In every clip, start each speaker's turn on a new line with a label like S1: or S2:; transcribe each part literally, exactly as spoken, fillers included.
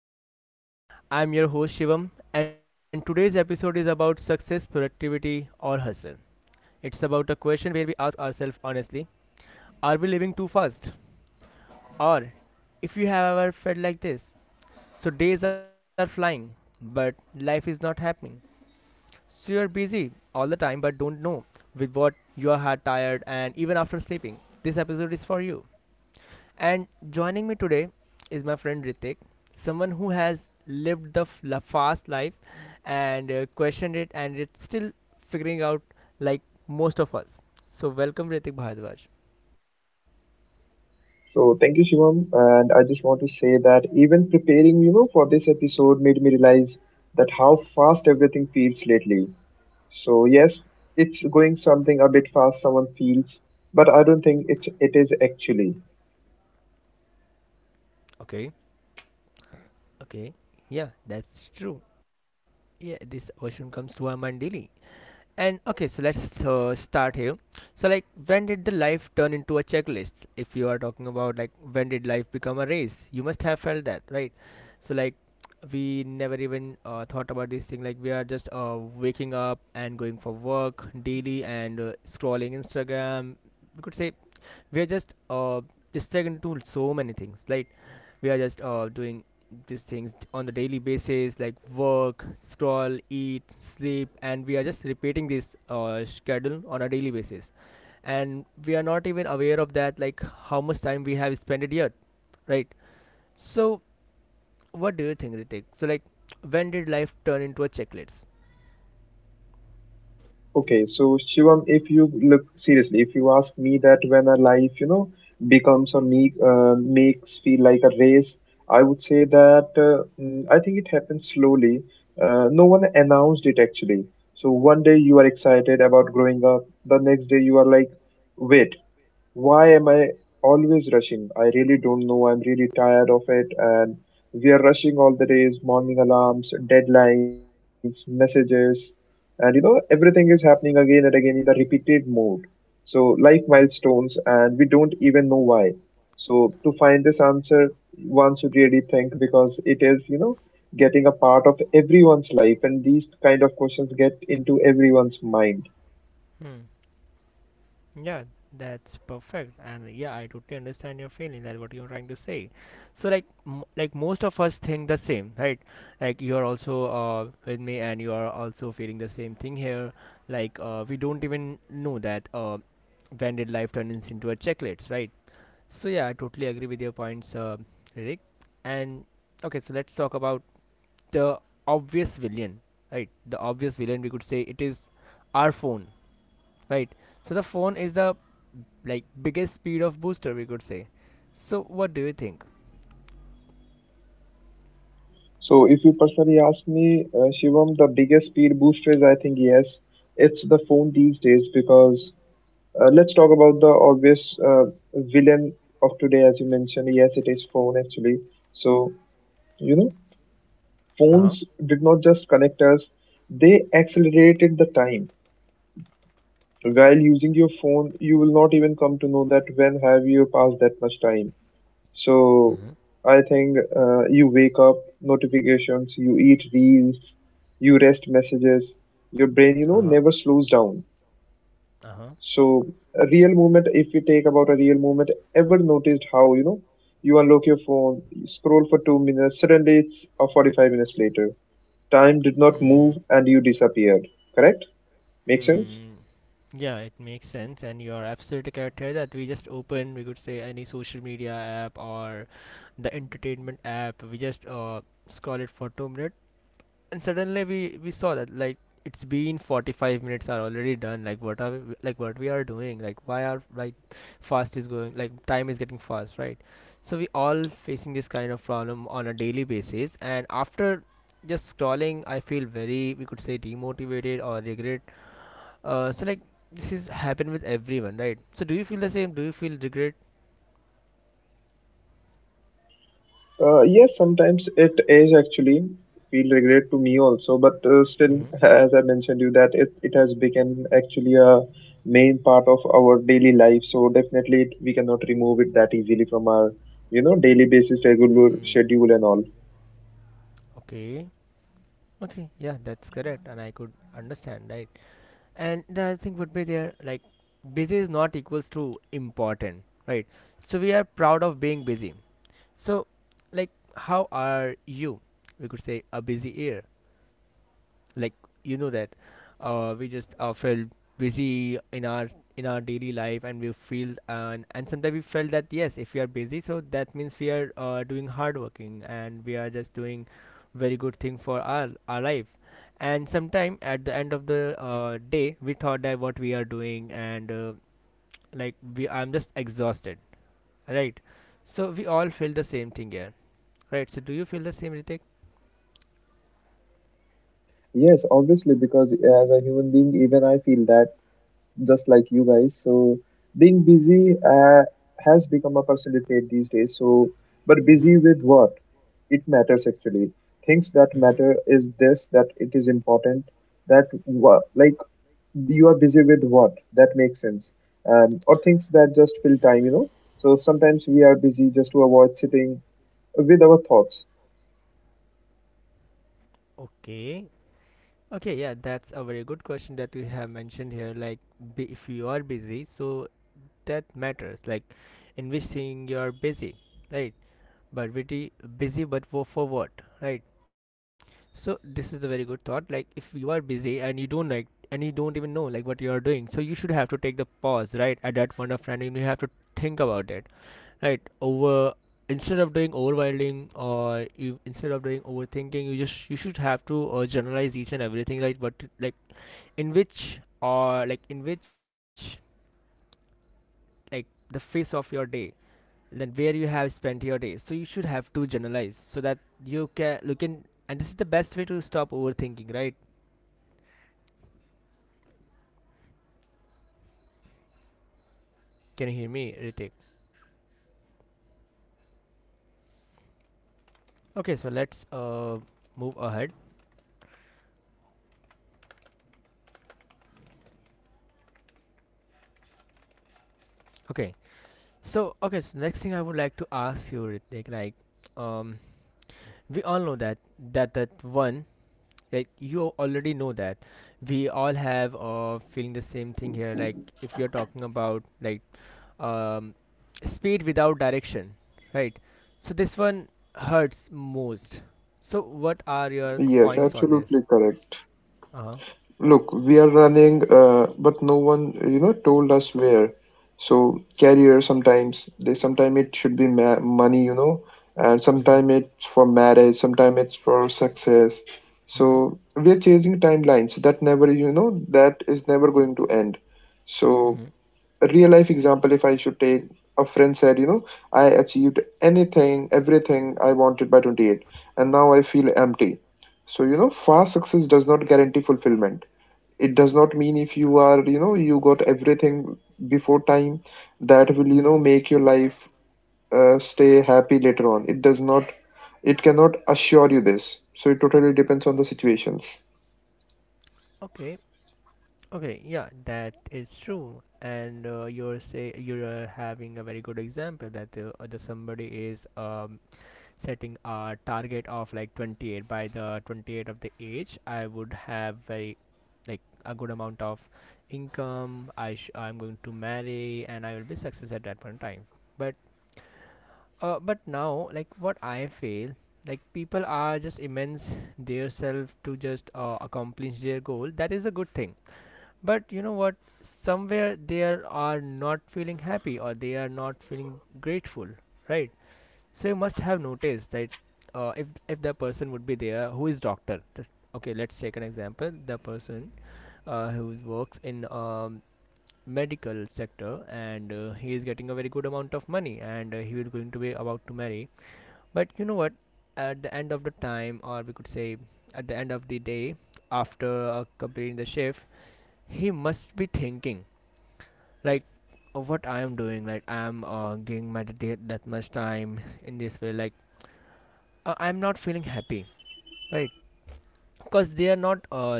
S1: Slow Down Maybe. I'm your host Shivam, and today's episode is about success, productivity, or hustle. It's about a question where we ask ourselves honestly, are we living too fast? Or if you have ever felt like this, so days are flying, but life is not happening. So you're busy all the time, but don't know with what you are tired and even after sleeping. This episode is for you. And joining me today is my friend Ritik, someone who has lived the f- la- fast life and uh, questioned it and it's still figuring out like most of us. So welcome Ritik Bhardwaj.
S2: So thank you, Shivam. And I just want to say that even preparing, you know, for this episode made me realize that how fast everything feels lately. So yes, it's going something a bit fast someone feels, but I don't think it's it is actually.
S1: Okay. Okay. Yeah, that's true. Yeah, this question comes to our mind daily. And okay, so let's uh, start here. So, like, when did the life turn into a checklist? If you are talking about, like, when did life become a race? You must have felt that, right? So, like, we never even uh, thought about this thing. Like, we are just uh, waking up and going for work daily and uh, scrolling Instagram. We could say we are just uh distracted into so many things, like we are just uh doing these things on the daily basis like work, scroll, eat, sleep, and we are just repeating this uh, schedule on a daily basis, and we are not even aware of that, like how much time we have spent it yet, right? So what do you think, Ritik? So like, when did life turn into a checklist?
S2: Okay, so Shivam, if you look seriously, if you ask me that when a life, you know, becomes or make, uh, makes feel like a race, I would say that uh, mm, I think it happens slowly. Uh, no one announced it actually. So one day you are excited about growing up, the next day you are like, wait, why am I always rushing? I really don't know. I'm really tired of it. And we are rushing all the days, morning alarms, deadlines, messages, and you know, everything is happening again and again in the repeated mode. So, life
S1: Hmm.
S2: milestones, and we don't even know why. So, to find this answer, one should really think because it is, you know, getting a part of everyone's life, and these kind of questions get into everyone's mind.
S1: Hmm. Yeah, that's perfect, and yeah, I totally understand your feeling that what you're trying to say. So like, m- like most of us think the same, right? Like you're also uh, with me, and you are also feeling the same thing here. Like uh, we don't even know that uh, when did life turn ins into a checklist, right? So yeah, I totally agree with your points, uh, Rick. And okay, so let's talk about the obvious villain, right? The obvious villain, we could say, it is our phone, right? So the phone is the like biggest speed of booster, we could say. So what do you think?
S2: So if you personally ask me, uh, Shivam, the biggest speed booster is I think yes, it's the phone these days because uh, let's talk about the obvious uh, villain of today, as you mentioned. Yes, it is phone actually. So you know,
S1: Uh-huh.
S2: phones did not just connect us; they accelerated the time. While using your phone, you will not even come to know that when have you passed that much time. So
S1: Mm-hmm.
S2: I think uh, you wake up, notifications, you eat reels, you rest messages. Your brain, you know,
S1: Uh-huh.
S2: never slows down.
S1: Uh-huh.
S2: So a real moment. If we take about a real moment, ever noticed how, you know, you unlock your phone, you scroll for two minutes, suddenly it's uh, forty-five minutes later. Time did not
S1: Hmm.
S2: move and you disappeared. Correct? Make sense?
S1: Hmm. Yeah, it makes sense, and you are absolutely correct here that we just open, we could say, any social media app or the entertainment app. We just uh, scroll it for two minutes. And suddenly we we saw that like it's been forty-five minutes are already done, like what are we, like what we are doing, like why are, like fast is going, like time is getting fast, right? So we all facing this kind of problem on a daily basis, and after just scrolling I feel very, we could say, demotivated or regret. Uh, so like this is happen with everyone, right? So do you feel the same? Do you feel regret?
S2: Uh, yes, sometimes it is actually feel regret to me also, but uh, still,
S1: Mm-hmm.
S2: as I mentioned you that it, it has become actually a main part of our daily life. So definitely it, we cannot remove it that easily from our, you know, daily basis, regular
S1: Hmm.
S2: schedule and all.
S1: Okay. Okay, yeah, that's correct, and I could understand, right? And the other thing would be there like busy is not equals to important, right? So we are proud of being busy. So like how are you, we could say, a busy year? Like you know that uh, we just uh, felt busy in our in our daily life, and we feel, and and sometimes we felt that yes, if we are busy, so that means we are uh, doing hard working and we are just doing very good thing for our our life. And sometime at the end of the uh, day we thought that what we are doing and uh, like we, I'm just exhausted, right? So we all feel the same thing here, right? So do you feel the same, Ritik?
S2: Yes, obviously, because as a human being, even I feel that just like you guys. So, being busy uh, has become a personality trait these days. So, but
S1: Mm-hmm.
S2: busy with what? It matters actually, things that
S1: Mm-hmm.
S2: matter, is this that it is important that what like you are busy with what, that makes sense, um, or things that just fill time you know So sometimes we are busy just to avoid sitting with our thoughts.
S1: Okay. Okay, yeah, that's a very good question that you have mentioned here. Like, bu- if you are busy, so that matters. Like, in which thing you are busy, right? But pretty busy, but for for what, right? So this is a very good thought. Like, if you are busy and you don't like and you don't even know like what you are doing, so you should have to take the pause, right? At that point of time, and you have to think about it, right? Over instead of doing overwhelming, or you, instead of doing overthinking, you just, you should have to uh, generalize each and everything, like what, like in which, or like in which, like the phase of your day, then where you have spent your day, so you should have to journalize so that you can, you can and this is the best way to stop overthinking, right? Can you hear me, Ritik? Okay, so let's uh move ahead. Okay. So okay, so next thing I would like to ask you, Ritik, like um we all know that, that that one, like you already know that we all have uh feeling the same thing here. Like if you're talking about like, um, speed without direction, right? So this one hurts most. So what are your
S2: Yes,
S1: points on this?
S2: absolutely correct.
S1: Uh-huh.
S2: Look, we are running, uh, but no one, you know, told us where. So career sometimes they sometimes it should be ma money, you know, and
S1: Mm-hmm.
S2: sometimes it's for marriage, sometimes it's for success.
S1: Mm-hmm.
S2: So we are chasing timelines that never, you know, that is never going to end. So
S1: Mm-hmm.
S2: a real life example if I should take, a friend said, you know I achieved anything everything I wanted by twenty-eight and now I feel empty. So you know fast success does not guarantee fulfillment. It does not mean if you are, you know you got everything before time that will, you
S1: Mm-hmm.
S2: know make your life uh, stay happy later on. It does not, it cannot assure you this. So it totally depends on the situations.
S1: Okay. Okay, yeah, that is true. And uh, you're say you're uh, having a very good example that uh, the somebody is um setting a target of like twenty-eight, by the twenty-eight of the age I would have very, like a good amount of income, I sh- I'm going to marry and I will be successful at that point in time. But uh, but now like what I feel, like people are just immense theirself to just uh, accomplish their goal, that is a good thing, but you know what, somewhere they are not feeling happy or they are not feeling grateful, right? So you must have noticed that, uh, if if the person would be there who is doctor. Okay, let's take an example. The person uh, who works in um, medical sector, and uh, he is getting a very good amount of money, and uh, he is going to be about to marry. But you know what, at the end of the time, or we could say at the end of the day, after uh, completing the shift, he must be thinking, like uh, what I am doing. Like I am uh, giving my that that much time in this way. Like uh, I'm not feeling happy, right? Because they are not uh,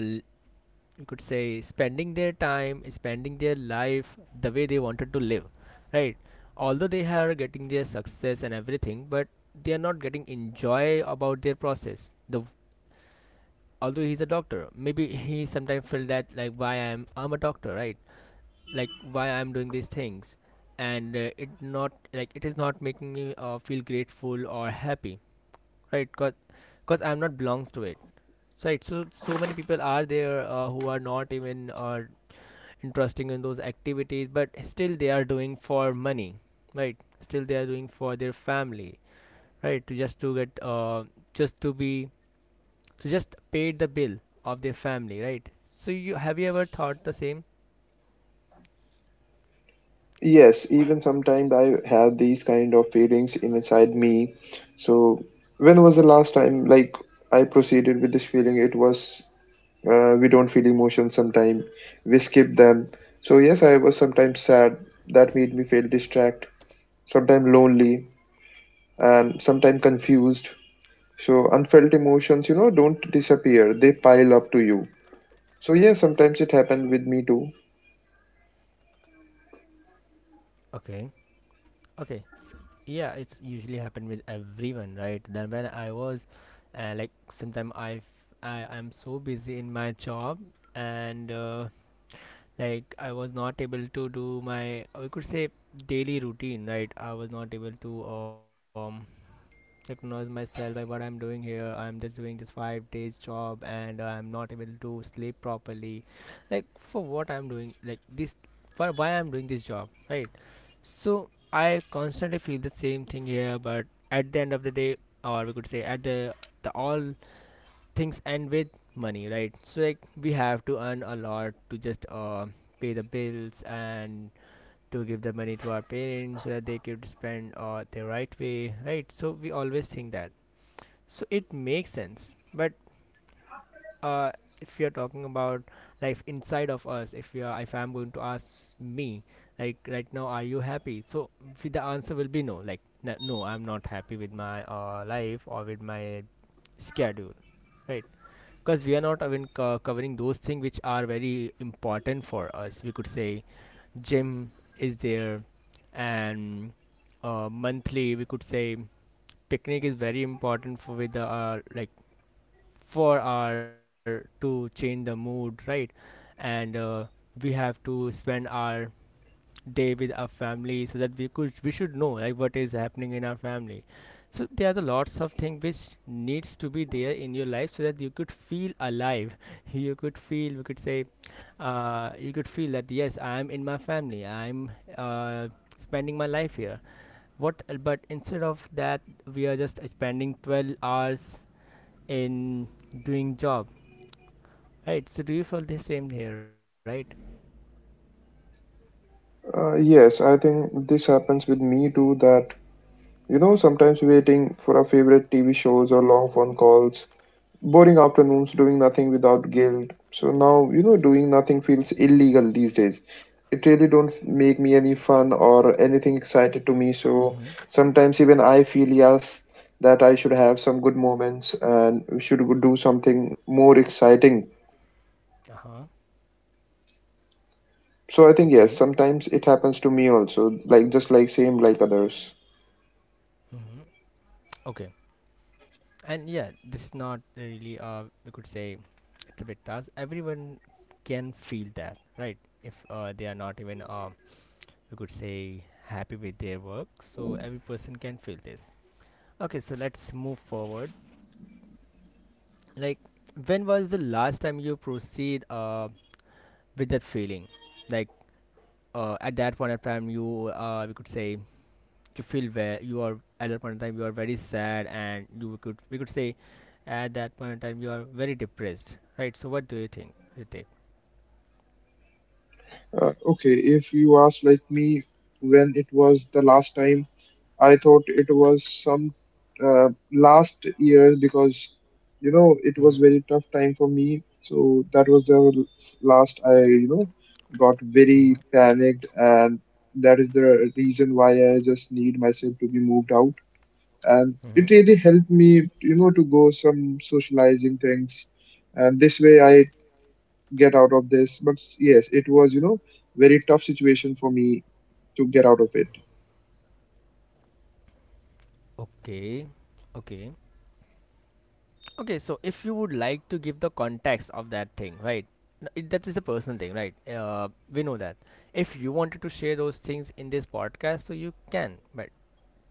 S1: you could say spending their time, spending their life the way they wanted to live, right? Although they are getting their success and everything, but they are not getting enjoy about their process the, although he's a doctor, maybe he sometimes feel that like why i'm I'm a doctor, right? Like why I'm doing these things, and uh, it not like, it is not making me uh, feel grateful or happy, right? Because because I'm not belongs to it, right? So so many people are there uh, who are not even uh, interesting in those activities, but still they are doing for money, right? Still they are doing for their family, right? To just to get uh, just to be, to just pay the bill of their family, right? So you have, you ever thought the same?
S2: Yes, even sometimes I had these kind of feelings inside me. So, when was the last time like I proceeded with this feeling? It was uh, we don't feel emotions sometimes, we skip them. So, yes, I was sometimes sad. That made me feel distract, sometimes lonely, and sometimes confused. So, unfelt emotions, you know, don't disappear, they pile up to you. So, yeah, sometimes it happened with me too.
S1: Okay. Okay, yeah, it's usually happened with everyone, right? Then when I was uh, like sometime i f- I, I'm so busy in my job, and uh, like I was not able to do my, we could say, daily routine, right? I was not able to um recognize myself, like what I'm doing here, I'm just doing this five days job and I'm not able to sleep properly, like for what I'm doing like this, for why I'm doing this job, right? So I constantly feel the same thing here, but at the end of the day, or we could say at the the all things end with money, right? So like we have to earn a lot to just uh pay the bills and to give the money to our parents so that they could spend uh the right way, right? So we always think that. So it makes sense, but uh, if you're talking about life inside of us, if you are, if I'm going to ask me, like right now, are you happy? So f- the answer will be no. Like n- no, I'm not happy with my uh, life or with my schedule, right? Because we are not even co- covering those things which are very important for us. We could say gym is there, and uh, monthly we could say picnic is very important for with the uh, like for our to change the mood, right? And uh, we have to spend our day with our family so that we could we should know like what is happening in our family. So there are the lots of things which needs to be there in your life so that you could feel alive you could feel, we could say, uh, you could feel that yes, I am in my family, I'm uh, spending my life here. What, but instead of that, we are just spending twelve hours in doing job. Right, so do you feel the same here, right?
S2: Uh, yes, I think this happens with me too that. You know, sometimes waiting for our favorite T V shows or long phone calls, boring afternoons doing nothing without guilt. So now, you know, doing nothing feels illegal these days. It really don't make me any fun or anything excited to me. So
S1: Mm-hmm.
S2: sometimes even I feel yes that I should have some good moments and should do something more exciting.
S1: Uh-huh.
S2: So I think yes,
S1: Okay.
S2: sometimes it happens to me also, like just like same like others.
S1: Mm-hmm. Okay. And yeah, this is not really uh we could say it's a bit tough. Everyone can feel that, right? If uh they are not even uh we could say happy with their work. So every person can feel this. Okay, so let's move forward. Like when was the last time you proceed uh with that feeling? Like uh at that point of time you uh we could say to feel where you are, at that point in time you are very sad, and you could, we could say, at that point in time you are very depressed, right? So what do you think, Ritik?
S2: Uh, okay, if you ask like me when it was the last time. I thought it was some uh, last year because you know it was
S1: Mm-hmm.
S2: very tough time for me. So that was the last I, you know got very
S1: Mm-hmm.
S2: panicked, and that is the reason why I just need myself to be moved out. And
S1: Mm-hmm.
S2: it really helped me, you know, to go some socializing things, and this way I get out of this. But yes, it was, you know very tough situation for me to get out of it.
S1: Okay, okay, okay. So if you would like to give the context of that thing, right? N- it, that is a personal thing, right? Uh, we know that if you wanted to share those things in this podcast, so you can, but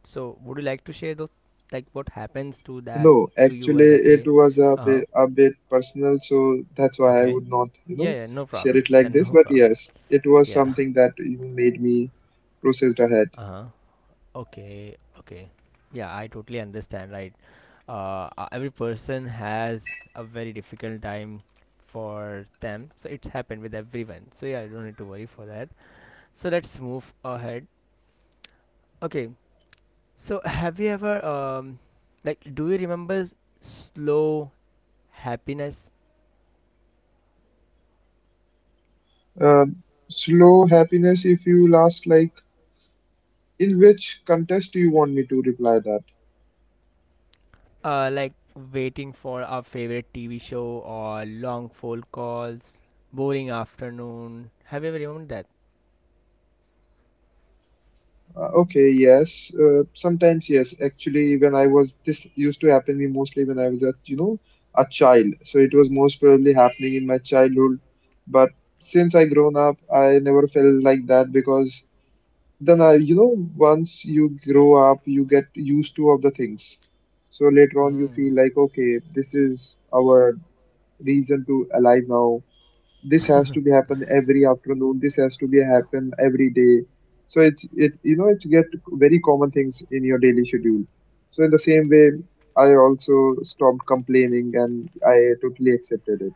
S1: so would you like to share those, like what happens to that
S2: No,
S1: to you
S2: actually,
S1: at that
S2: it
S1: day?
S2: was a bit,
S1: Uh-huh.
S2: a bit personal, so that's why I
S1: Okay.
S2: would not, you
S1: Yeah,
S2: know,
S1: yeah, no
S2: share
S1: problem.
S2: it like
S1: Then
S2: this.
S1: no
S2: But
S1: problem.
S2: yes, it was
S1: Yeah.
S2: something that you made me processed ahead.
S1: Uh-huh. Okay, okay. Yeah, I totally understand, right? Uh, uh, every person has a very difficult time for them. So it's happened with everyone. So yeah, you don't need to worry for that. So let's move ahead. Okay. So have you ever um like do you remember slow happiness?
S2: Um, slow happiness, if you last, like, in which contest do you want me to reply that?
S1: Uh, like waiting for our favorite T V show or long phone calls, boring afternoon. Have you ever remembered that?
S2: Uh, okay, yes. Uh, sometimes, yes. Actually, when I was, this used to happen me mostly when I was a, you know, a child. So it was most probably happening in my childhood. But since I grown up, I never felt like that because then I, you know, once you grow up, you get used to of the things. So later on, you
S1: Hmm.
S2: feel like, okay, this is our reason to alive now, this has to be happen every afternoon, this has to be happen every day. So it's it, you know it's get very common things in your daily schedule. So in the same way I also stopped complaining and I totally accepted it.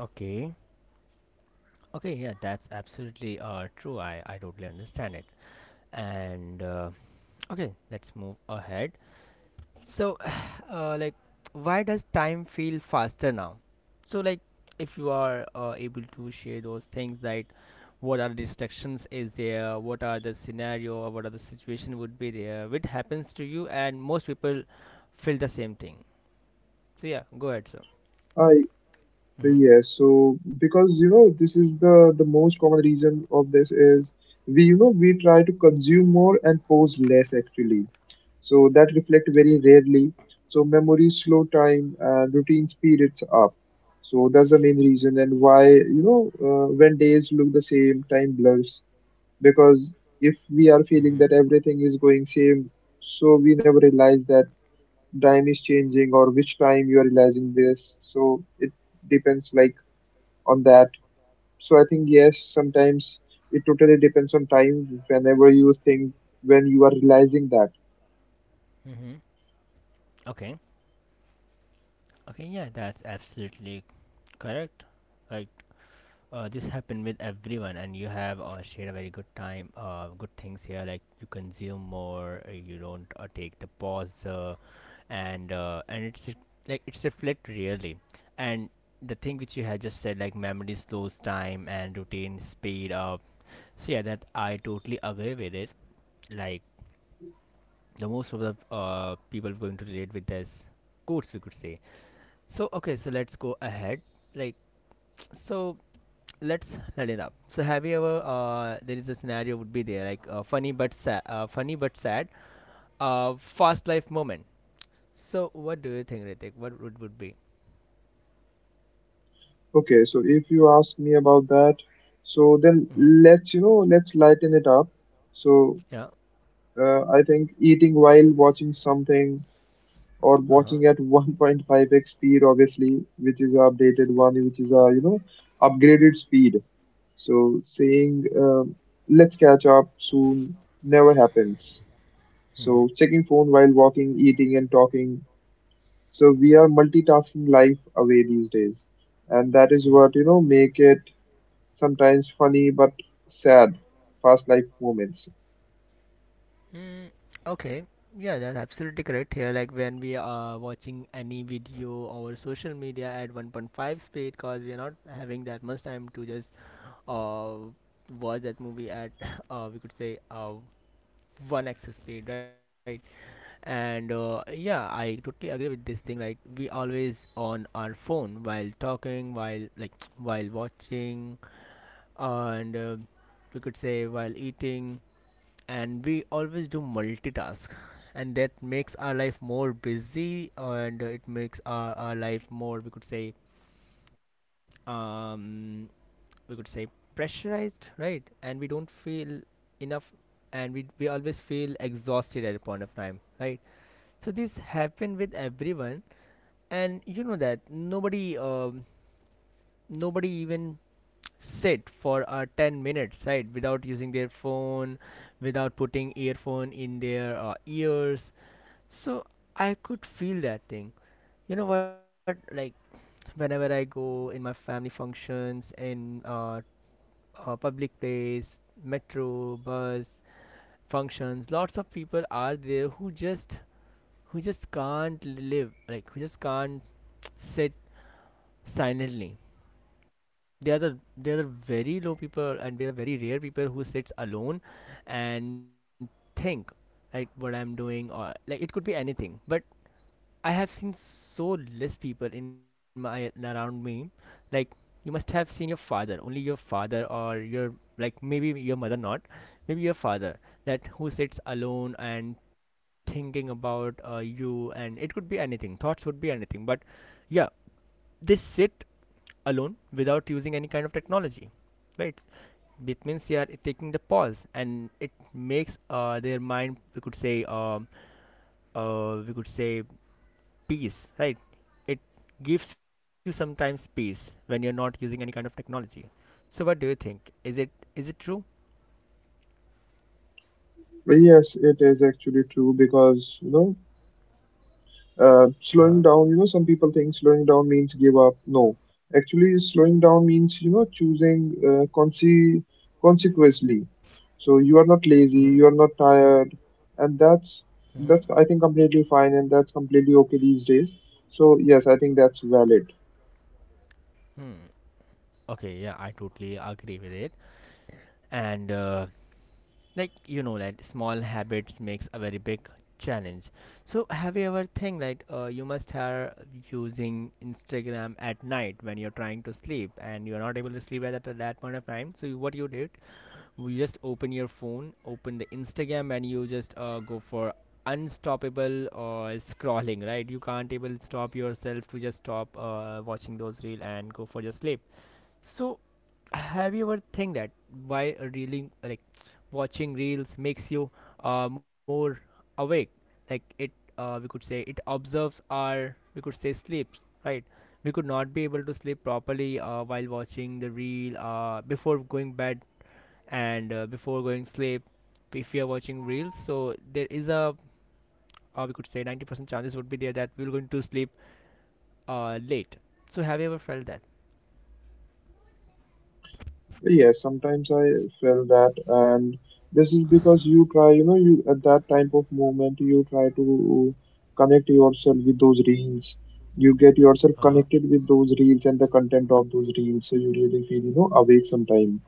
S1: Okay. Okay, yeah, that's absolutely uh, true. I, I totally understand it. And uh, okay, let's move ahead. So, uh, like, why does time feel faster now? So, like, if you are uh, able to share those things, like, what are the distractions is there? What are the scenario or what are the situation would be there? Which happens to you, and most people feel the same thing. So yeah, go ahead, sir.
S2: I
S1: Mm-hmm.
S2: Yes, so because you know this is the the most common reason of this is we, you know we try to consume more and pose less actually. So that reflect very rarely. So memories slow time and routine speed it's up. So that's the main reason. And why, you know uh, when days look the same, time blurs, because if we are feeling
S1: Mm-hmm.
S2: that everything is going same, so we never realize that time is changing, or which time you are realizing this. So it depends like on that. So I think yes, sometimes it totally depends on time whenever you think when you are realizing that.
S1: Mm-hmm. Okay. Okay. Yeah, that's absolutely correct. Like Uh, this happened with everyone, and you have uh, shared a very good time. Uh, good things here, like you consume more, uh, you don't uh, take the pause, uh, and uh, and it's re- like it's reflect really, and the thing which you had just said, like memory slows time and routine speed up. So yeah, that I totally agree with it. Like the most of the uh, people going to relate with this quotes, we could say. So okay, so let's go ahead. Like so let's let it up. So have you ever uh, there is a scenario would be there like uh, funny but sad, uh, funny but sad, uh, fast life moment. So what do you think, Ritik? What would would be?
S2: Okay, so if you ask me about that, so then
S1: Mm-hmm.
S2: let's, you know, let's lighten it up. So
S1: Yeah.
S2: uh, I think eating while watching something or
S1: Uh huh.
S2: watching at one point five x speed, obviously, which is our updated one, which is a, you know, upgraded speed. So saying, um, let's catch up soon never happens.
S1: Mm-hmm.
S2: So checking phone while walking, eating and talking. So we are multitasking life away these days. And that is
S1: Mm-hmm.
S2: what, you know, make it sometimes funny but sad past life moments.
S1: Mm, okay. Yeah, that's absolutely correct here. Like when we are watching any video or social media at one point five speed, cause we are not having that much time to just uh watch that movie at uh we could say uh one x speed, right? And uh, yeah, I totally agree with this thing, like we always on our phone while talking, while like while watching, and uh, we could say while eating, and we always do multitask, and that makes our life more busy, and uh, it makes our, our life more, we could say, um we could say pressurized, right? And we don't feel enough, and we, we always feel exhausted at a point of time, right? So this happened with everyone, and you know that nobody, um, nobody even sit for uh, ten minutes, right? Without using their phone, without putting earphone in their uh, ears. So I could feel that thing. You know what? Like whenever I go in my family functions, in uh, uh, public place, metro, bus functions, lots of people are there who just who just can't live, like who just can't sit silently. They are the they are the very low people, and they are very rare people who sits alone and think like what I'm doing, or like it could be anything. But I have seen so less people in my around me. Like you must have seen your father, only your father or your like, maybe your mother not, maybe your father that who sits alone and thinking about uh, you, and it could be anything. Thoughts would be anything, but yeah, they sit alone without using any kind of technology, right? It means they are taking the pause, and it makes uh, their mind, we could say, um, uh, we could say peace, right? It gives you sometimes peace when you're not using any kind of technology. So what do you think, is it, is it true?
S2: Yes, it is actually true because you know uh, slowing
S1: Uh-huh.
S2: down, you know some people think slowing down means give up. No, actually slowing down means, you know choosing uh, conse- consequently. So you are not
S1: Mm-hmm.
S2: lazy, you are not tired, and that's
S1: Mm-hmm.
S2: that's I think completely fine, and that's completely okay these days. So yes, I think that's valid.
S1: Hmm. Okay, yeah, I totally agree with it. And uh, like you know that small habits makes a very big challenge. So have you ever think that uh, you must have using Instagram at night when you're trying to sleep and you're not able to sleep at that, that point of time, so you, what you did, you just open your phone, open the Instagram, and you just uh, go for unstoppable uh, scrolling, right? You can't able stop yourself to just stop uh, watching those reel and go for your sleep. So, have you ever think that why reeling like watching reels makes you uh, more awake? Like it, uh, we could say it observes our, we could say, sleeps, right? We could not be able to sleep properly uh, while watching the reel uh, before going bed, and uh, before going sleep, if we are watching reels. So there is a uh, we could say ninety percent chances would be there that we're going to sleep uh, late. So have you ever felt that?
S2: Yes, sometimes I felt that, and this is because you try, you know, you at that type of moment you try to connect yourself with those reels. You get yourself connected with those reels and the content of those reels, so you really feel, you know, awake sometime.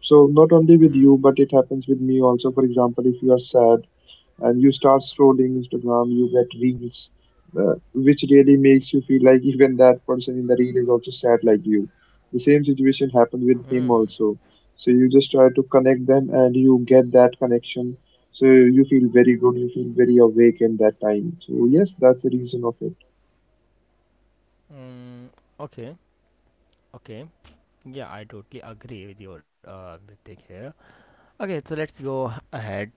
S2: So not only with you, but it happens with me also. For example, if you are sad and you start scrolling Instagram, you get reels, uh, which really makes you feel like even that person in the reel is also sad like you. The same situation happened with him
S1: Hmm.
S2: also. So you just try to connect them and you get that connection. So you feel very good, you feel very awake in that time. So yes, that's the reason of it.
S1: Mm, okay. Okay. Yeah, I totally agree with your uh Ritik here. Okay, so let's go ahead.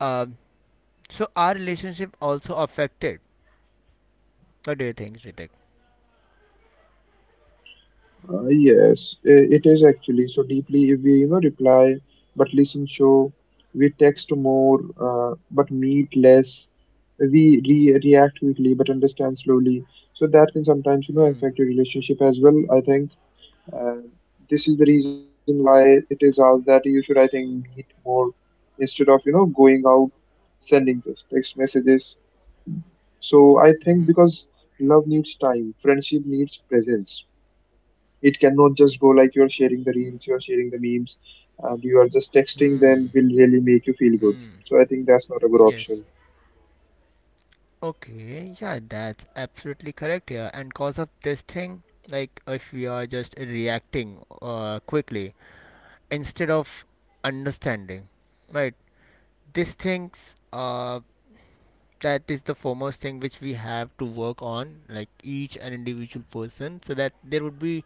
S1: Um, so are relationship also affected? What do you think, Ritik?
S2: Uh, yes, i- it is actually so deeply if we, you know, reply but listen show, we text more uh, but meet less, we re react quickly but understand slowly. So that can sometimes, you know,
S1: Hmm.
S2: affect your relationship as well, I think. Uh, this is the reason why it is asked that you should, I think, meet more instead of, you know, going out, sending just text messages. So I think
S1: Hmm.
S2: because love needs time, friendship needs presence, it cannot just go like you're sharing the reels, you're sharing the memes, and you are just texting them
S1: Hmm.
S2: will really make you feel good.
S1: Hmm.
S2: So I think that's not a good
S1: Yes.
S2: option.
S1: Okay. Yeah, that's absolutely correct here. And cause of this thing, like if we are just reacting uh quickly instead of understanding, right? These things uh that is the foremost thing which we have to work on, like each and individual person, so that there would be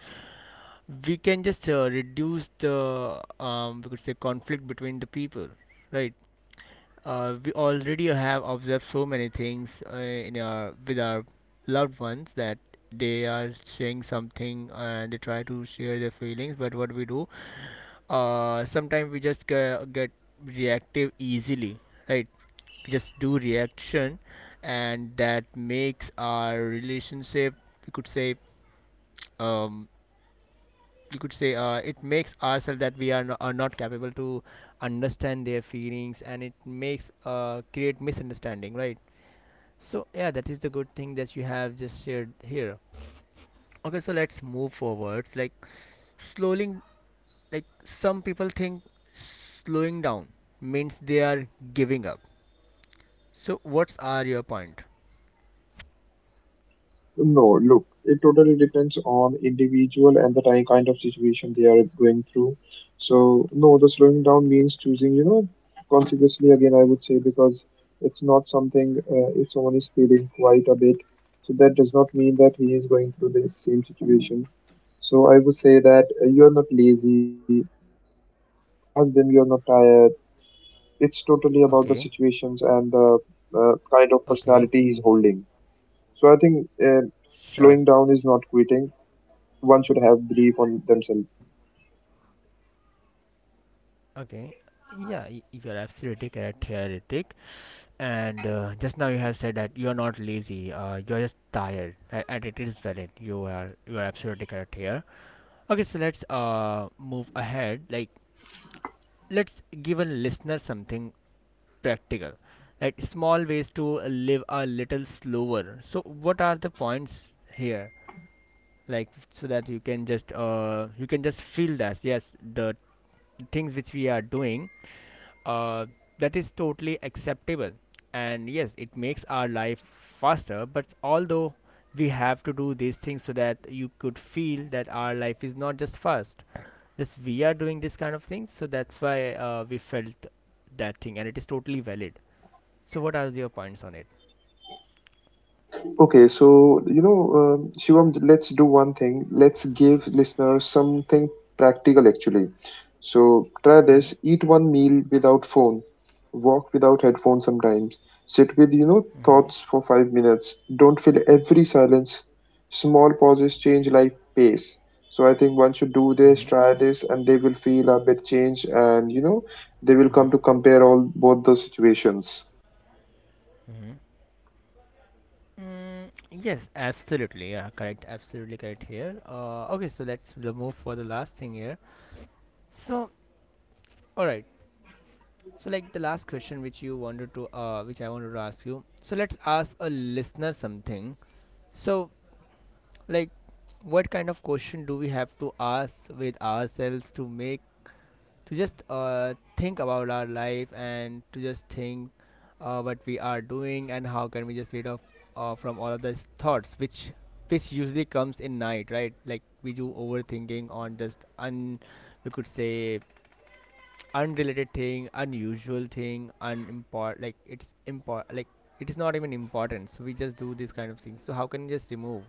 S1: we can just uh, reduce the um, we could say conflict between the people, right? Uh, we already have observed so many things uh, in our with our loved ones that they are saying something and they try to share their feelings, but what we do, uh sometimes we just ge- get reactive easily, right? Just do reaction, and that makes our relationship, you could say, um you could say, uh, it makes ourselves that we are, no, are not capable to understand their feelings, and it makes uh, create misunderstanding, right? So yeah, that is the good thing that you have just shared here. Okay, so let's move forwards, like slowing, like some people think slowing down means they are giving up. So what's are your point?
S2: No, look, it totally depends on individual and the ti- kind of situation they are going through. So no, the slowing down means choosing, you know, consequently again, I would say because it's not something uh, if someone is feeling quite a bit, so that does not mean that he is going through the same situation. So I would say that uh, you are not lazy. Ask them you are not tired, it's totally about the situations and
S1: Okay,
S2: the uh, kind of personality he's holding.
S1: okay.
S2: So I think uh, slowing down is
S1: Sure.
S2: not quitting. One should have belief on themselves.
S1: Okay. Yeah, y- you're absolutely correct here, Ritik. And uh, just now you have said that you are not lazy. Uh, you are just tired, a- and it is valid. You are you are absolutely correct here. Okay, so let's uh move ahead. Like let's give a listener something practical, like small ways to live a little slower. So what are the points here? Like so that you can just uh you can just feel that yes the things which we are doing uh, that is totally acceptable, and yes it makes our life faster, but although we have to do these things so that you could feel that our life is not just fast, just we are doing this kind of things, so that's why uh, we felt that thing, and it is totally valid. So what are your points on it?
S2: Okay, so you know, um, Shivam, let's do one thing. Let's give listeners something practical actually. So try this:
S1: Mm-hmm.
S2: eat one meal without phone, walk without headphones sometimes, sit with you know
S1: Mm-hmm.
S2: thoughts for five minutes. Don't fill every silence. Small pauses change life pace. So I think once you do this,
S1: Mm-hmm.
S2: try this, and they will feel a bit changed, and you know they will come
S1: Mm-hmm.
S2: to compare all both those situations.
S1: Mm-hmm. Mm, yes, absolutely. Yeah, correct. Absolutely correct here. Uh, okay, so let's l- move for the last thing here. So, all right. So, like the last question which you wanted to, uh, which I wanted to ask you. So, let's ask a listener something. So, like, what kind of question do we have to ask with ourselves to make, to just uh, think about our life, and to just think uh, what we are doing, and how can we just rid of uh, from all of these thoughts which which usually comes in night, right? Like we do overthinking on just un, we could say unrelated thing, unusual thing, unimport like it's import like it is not even important. So we just do this kind of things. So how can we just remove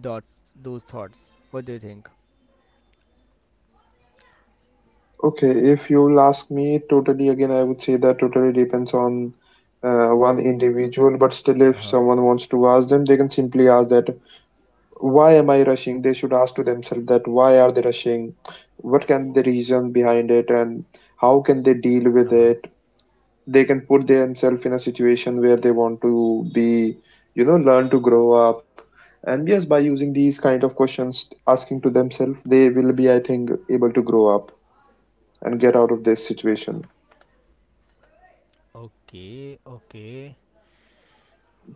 S1: thoughts those thoughts? What do you think?
S2: Okay, if you'll ask me totally again, I would say that totally depends on uh, one individual, but still, if someone wants to ask them, they can simply ask that, why am I rushing? They should ask to themselves that, why are they rushing? What can the reason behind it, and how can they deal with it? They can put themselves in a situation where they want to be, you know, learn to grow up. And yes, by using these kind of questions, asking to themselves, they will be, I think, able to grow up and get out of this situation.
S1: Okay, okay, okay.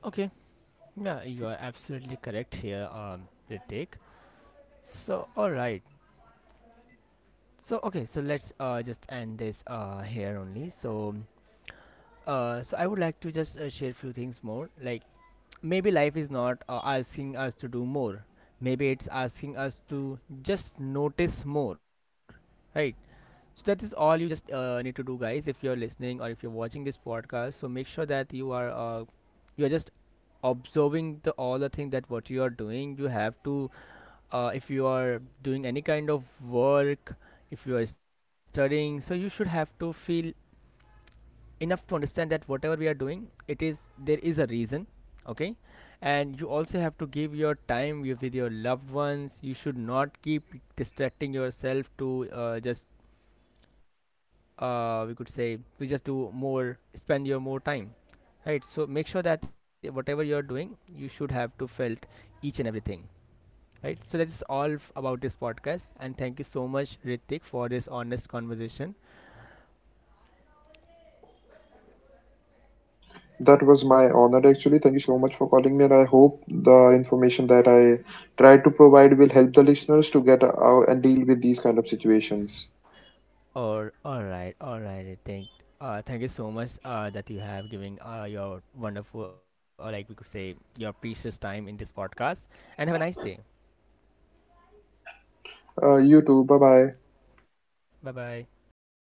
S1: Yeah, you are absolutely correct here, um, Ritik. So all right. So okay. So let's uh just end this uh here only. So uh so I would like to just uh, share few things more like maybe life is not uh, asking us to do more, maybe it's asking us to just notice more, right? So that is all you just uh, need to do, guys. If you're listening or if you're watching this podcast, so make sure that you are uh, you are just observing the all the thing that what you are doing. You have to, uh, if you are doing any kind of work, if you are studying, so you should have to feel enough to understand that whatever we are doing it is, there is a reason, okay? And you also have to give your time with your loved ones. You should not keep distracting yourself to uh, just uh, we could say to just do more, spend your more time, right? So make sure that whatever you are doing you should have to felt each and everything, right? So that's all f- about this podcast, and thank you so much, Ritik, for this honest conversation.
S2: That was my honor actually. Thank you so much for calling me, and I hope the information that I tried to provide will help the listeners to get out and deal with these kind of situations.
S1: Or all right, all right. I think uh, thank you so much uh, that you have giving uh, your wonderful, or like we could say, your precious time in this podcast. And have a nice day.
S2: Uh, you too. Bye bye.
S1: Bye bye.